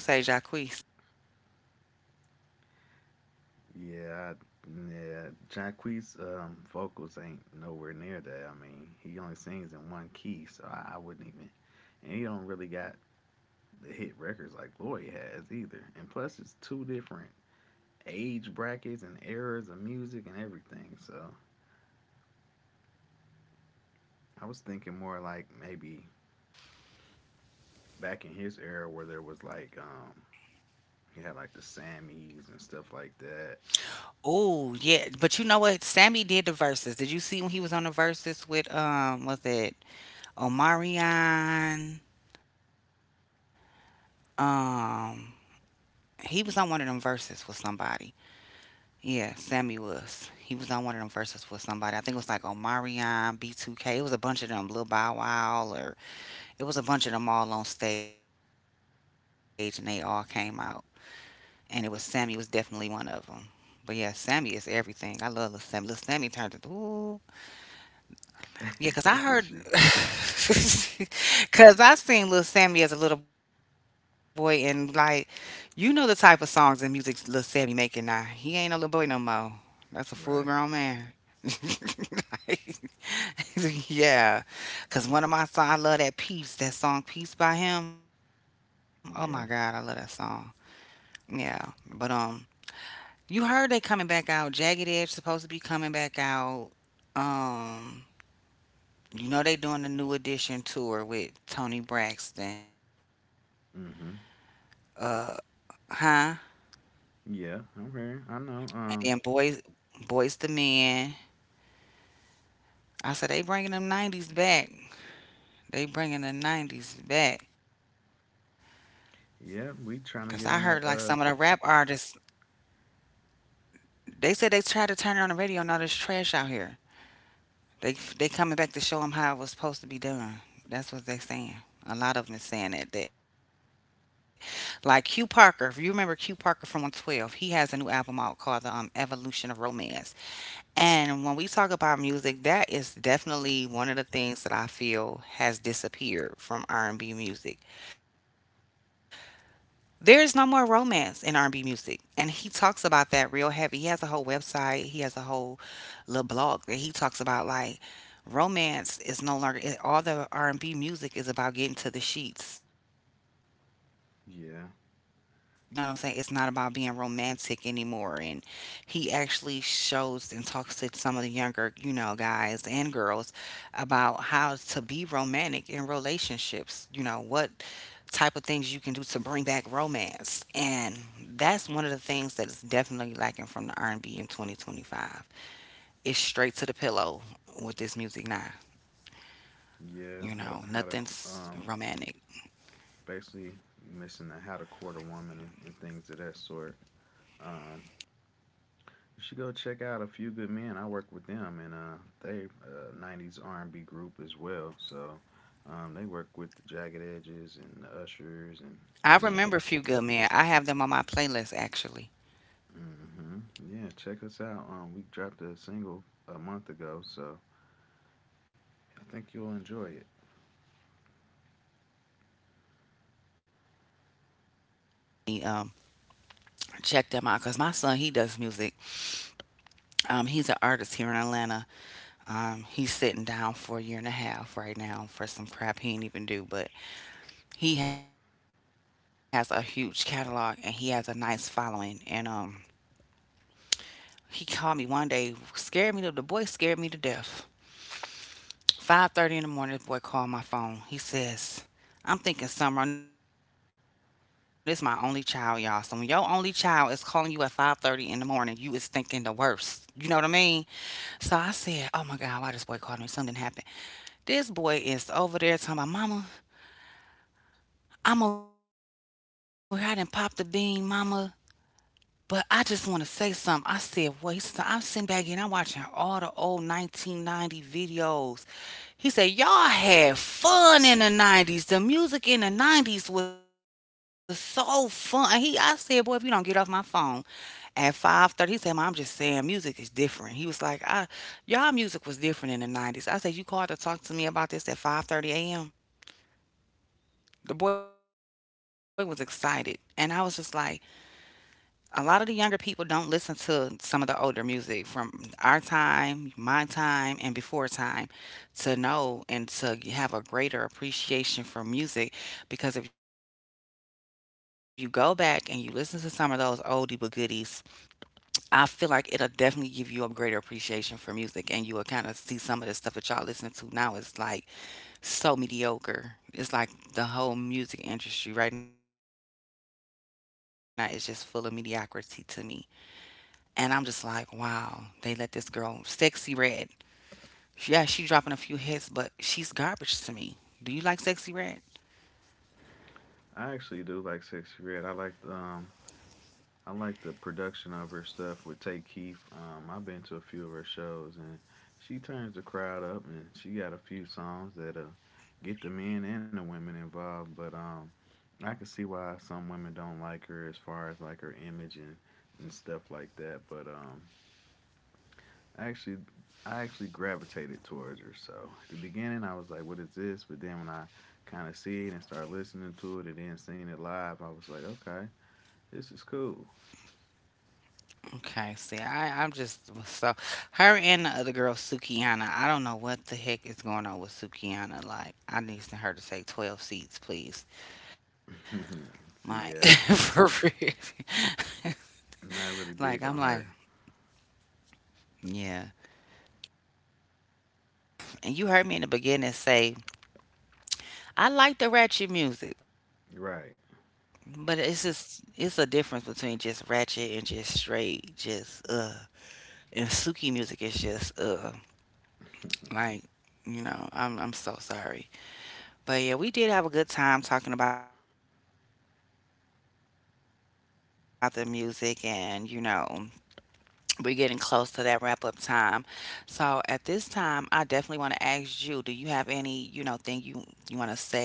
Yeah, I, yeah. Jacquees, um vocals ain't nowhere near that. I mean, he only sings in one key, so I, I wouldn't even. And he don't really got the hit records like Lloyd has either. And plus, it's two different age brackets and eras of music and everything. So I was thinking more like maybe back in his era where there was like um you had like the Sammys and stuff like that. Oh yeah, but you know what? Sammy did the verses. Did you see when he was on the verses with um, was it Omarion? Um, he was on one of them verses with somebody. Yeah, Sammy was. He was on one of them verses with somebody. I think it was like Omarion, B two K. It was a bunch of them, Lil Bow Wow, or it was a bunch of them all on stage, and they all came out. And it was Sammy was definitely one of them. But yeah, Sammy is everything. I love Lil Sammy. Lil Sammy turned it. Ooh, Look at you. yeah, cause I heard, cause I seen Lil Sammy as a little boy, and like, you know the type of songs and music Lil Sammy making now. He ain't no little boy no more. Right. That's a full grown man. Yeah, cause one of my songs, I love that piece, that song "Peace" by him. Oh Yeah. my God, I love that song. Yeah, but um, you heard they coming back out. Jagged Edge supposed to be coming back out. Um, you know they doing the new edition tour with Tony Braxton. Mhm. Uh, huh? Yeah. Okay. I know. Um And then boys, boys to men. I said they bringing them nineties back. They bringing the nineties back. yeah, we trying to get Cause on I that heard uh like some of the rap artists. They said they tried to turn it on the radio and all this trash out here. They they coming back to show them how it was supposed to be done. That's what they saying. A lot of them is saying that that like Q Parker. If you remember Q Parker from one twelve, he has a new album out called the um, Evolution of Romance. And when we talk about music, that is definitely one of the things that I feel has disappeared from R and B music. There is no more romance in R and B music. And he talks about that real heavy. He has a whole website. He has a whole little blog that he talks about like romance is no longer it- all the R and B music is about getting to the sheets. You know what I'm yeah. saying? It's not about being romantic anymore. And he actually shows and talks to some of the younger, you know, guys and girls about how to be romantic in relationships. You know, what type of things you can do to bring back romance. And that's one of the things that is definitely lacking from the R and B in twenty twenty-five. It's straight to the pillow with this music now. Yeah, how You to, know, how to qu- um nothing's romantic. basically missing the how to court a woman and, and things of that sort. Um You should go check out a few good men. I work with them, and uh, they uh, nineties R and B group as well. So um, they work with the Jagged Edges and the Ushers, and I you know, remember a few good men. I have them on my playlist actually. hmm yeah. Check us out. Um, we dropped a single a month ago, so I think you'll enjoy it. He, um, Check them out because my son, he does music. Um, he's an artist here in Atlanta. Um, he's sitting down for a year and a half right now for some crap he ain't even do, but he has a huge catalog and he has a nice following. And um, he called me one day, scared me to the boy scared me to death. five thirty in the morning, this boy called my phone. He says, "I'm thinking something wrong." This is my only child, y'all. So when your only child is calling you at five thirty in the morning, you is thinking the worst. You know what I mean? So I said, "Oh my God, why this boy called me? Something didn't happen." This boy is over there talking about, "Mama, I'm over here. I done popped the bean, Mama. But I just want to say something." I said, "Well," he said, "I'm sitting back and I'm watching all the old nineteen ninety videos." He said, "Y'all had fun in the nineties. The music in the nineties was so fun." And he, I said, "Boy, if you don't get off my phone at five thirty." He said, "Mom, I'm just saying music is different." He was like, I, "Y'all music was different in the nineties" I said, "You called to talk to me about this at five thirty a m?" The boy was excited. And I was just like, a lot of the younger people don't listen to some of the older music from our time, my time, and before time, to know and to have a greater appreciation for music. Because if you go back and you listen to some of those oldie but goodies, I feel like it'll definitely give you a greater appreciation for music. And you will kind of see some of the stuff that y'all listening to now is like so mediocre. It's like the whole music industry right now is just full of mediocrity to me. And I'm just like, wow, they let this girl, Sexy Red. Yeah, she dropping a few hits, but she's garbage to me. Do you like Sexy Red? I actually do like Sexy Red. I like um, I like the production of her stuff with Tay Keith. Um, I've been to a few of her shows, and she turns the crowd up, and she got a few songs that uh, get the men and the women involved. But um, I can see why some women don't like her as far as like her image and, and stuff like that. But um, actually, I actually gravitated towards her. So at the beginning, I was like, "What is this?" But then when I kind of see it and start listening to it, and then seeing it live, I was like, "Okay, this is cool." Okay, see, I, I'm just so her and the other girl, Sukiana. I don't know what the heck is going on with Sukiana. Like, I need her to take twelve seats, please. See, Like, yeah, for real. not really Like, big I'm on like, her. yeah. And you heard me in the beginning say I like the ratchet music, but it's Right. just it's a difference between just ratchet and just straight, just uh. And Suki music is just uh, like you know, I'm I'm so sorry, but yeah, we did have a good time talking about the music, and you know, we're getting close to that wrap up time. So at this time, I definitely want to ask you: do you have any you know thing you you want to say, or anything you want to add, or you know.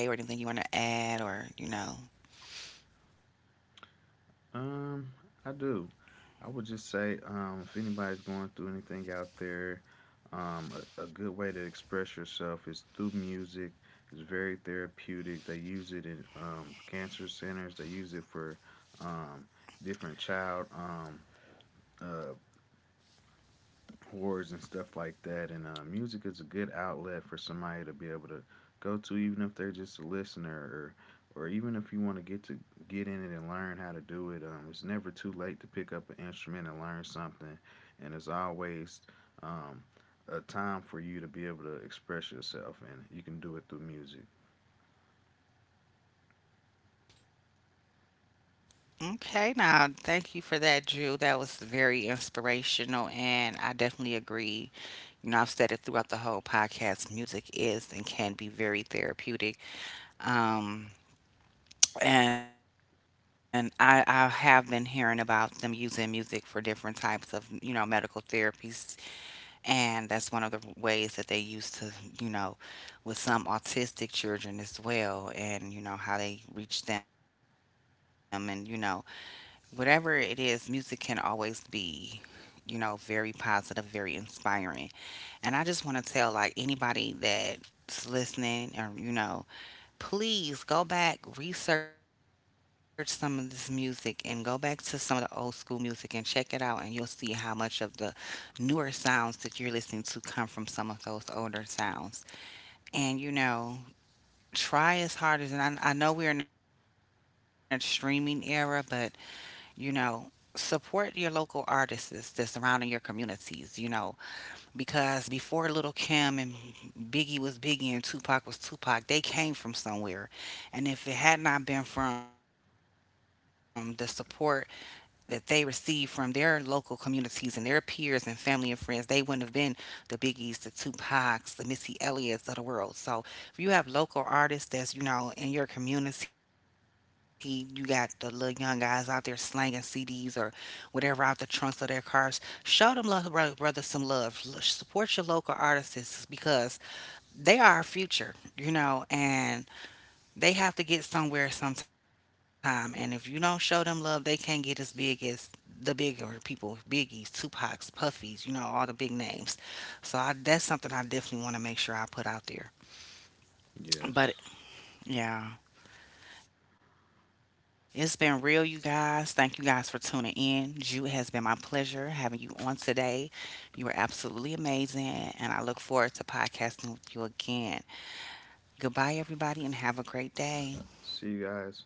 Um, I do. I would just say, um, if anybody's going through anything out there, um, a, a good way to express yourself is through music. It's very therapeutic. They use it in um, cancer centers. They use it for um, different child um, uh, chords and stuff like that. And uh, music is a good outlet for somebody to be able to go to, even if they're just a listener or, or even if you want to get to get in it and learn how to do it. Um, it's never too late to pick up an instrument and learn something, and there's always um, a time for you to be able to express yourself, and you can do it through music. Okay, now thank you for that, Drew. That was very inspirational, and I definitely agree. You know, I've said it throughout the whole podcast, music is and can be very therapeutic. Um, and I, I have been hearing about them using music for different types of, you know, medical therapies. And that's one of the ways that they use to, you know, with some autistic children as well, and, you know, how they reach them, and, you know, whatever it is, music can always be, you know, very positive, very inspiring. And I just want to tell, like, anybody that's listening, or you know, please go back, research some of this music, and go back to some of the old school music and check it out, and you'll see how much of the newer sounds that you're listening to come from some of those older sounds. And you know, try as hard as, and I, I know we're in a streaming era, but you know, support your local artists that's around in your communities, you know, because before Little Kim, and Biggie was Biggie, and Tupac was Tupac, they came from somewhere. And if it had not been from the support that they receive from their local communities and their peers and family and friends, they wouldn't have been the Biggies, the Tupacs, the Missy Elliott's of the world. So if you have local artists that's, you know, in your community, you got the little young guys out there slanging C Ds or whatever out the trunks of their cars, show them love, bro- brother, some love. L- Support your local artists because they are our future, you know, and they have to get somewhere sometime, and if you don't show them love, they can't get as big as the bigger people, Biggie's, Tupac's, puffies, you know, all the big names. So I, that's something I definitely want to make sure I put out there. But Yes. yeah, it's been real, you guys. Thank you guys for tuning in. Ju, it has been my pleasure having you on today. You were absolutely amazing, and I look forward to podcasting with you again. Goodbye, everybody, and have a great day. See you guys.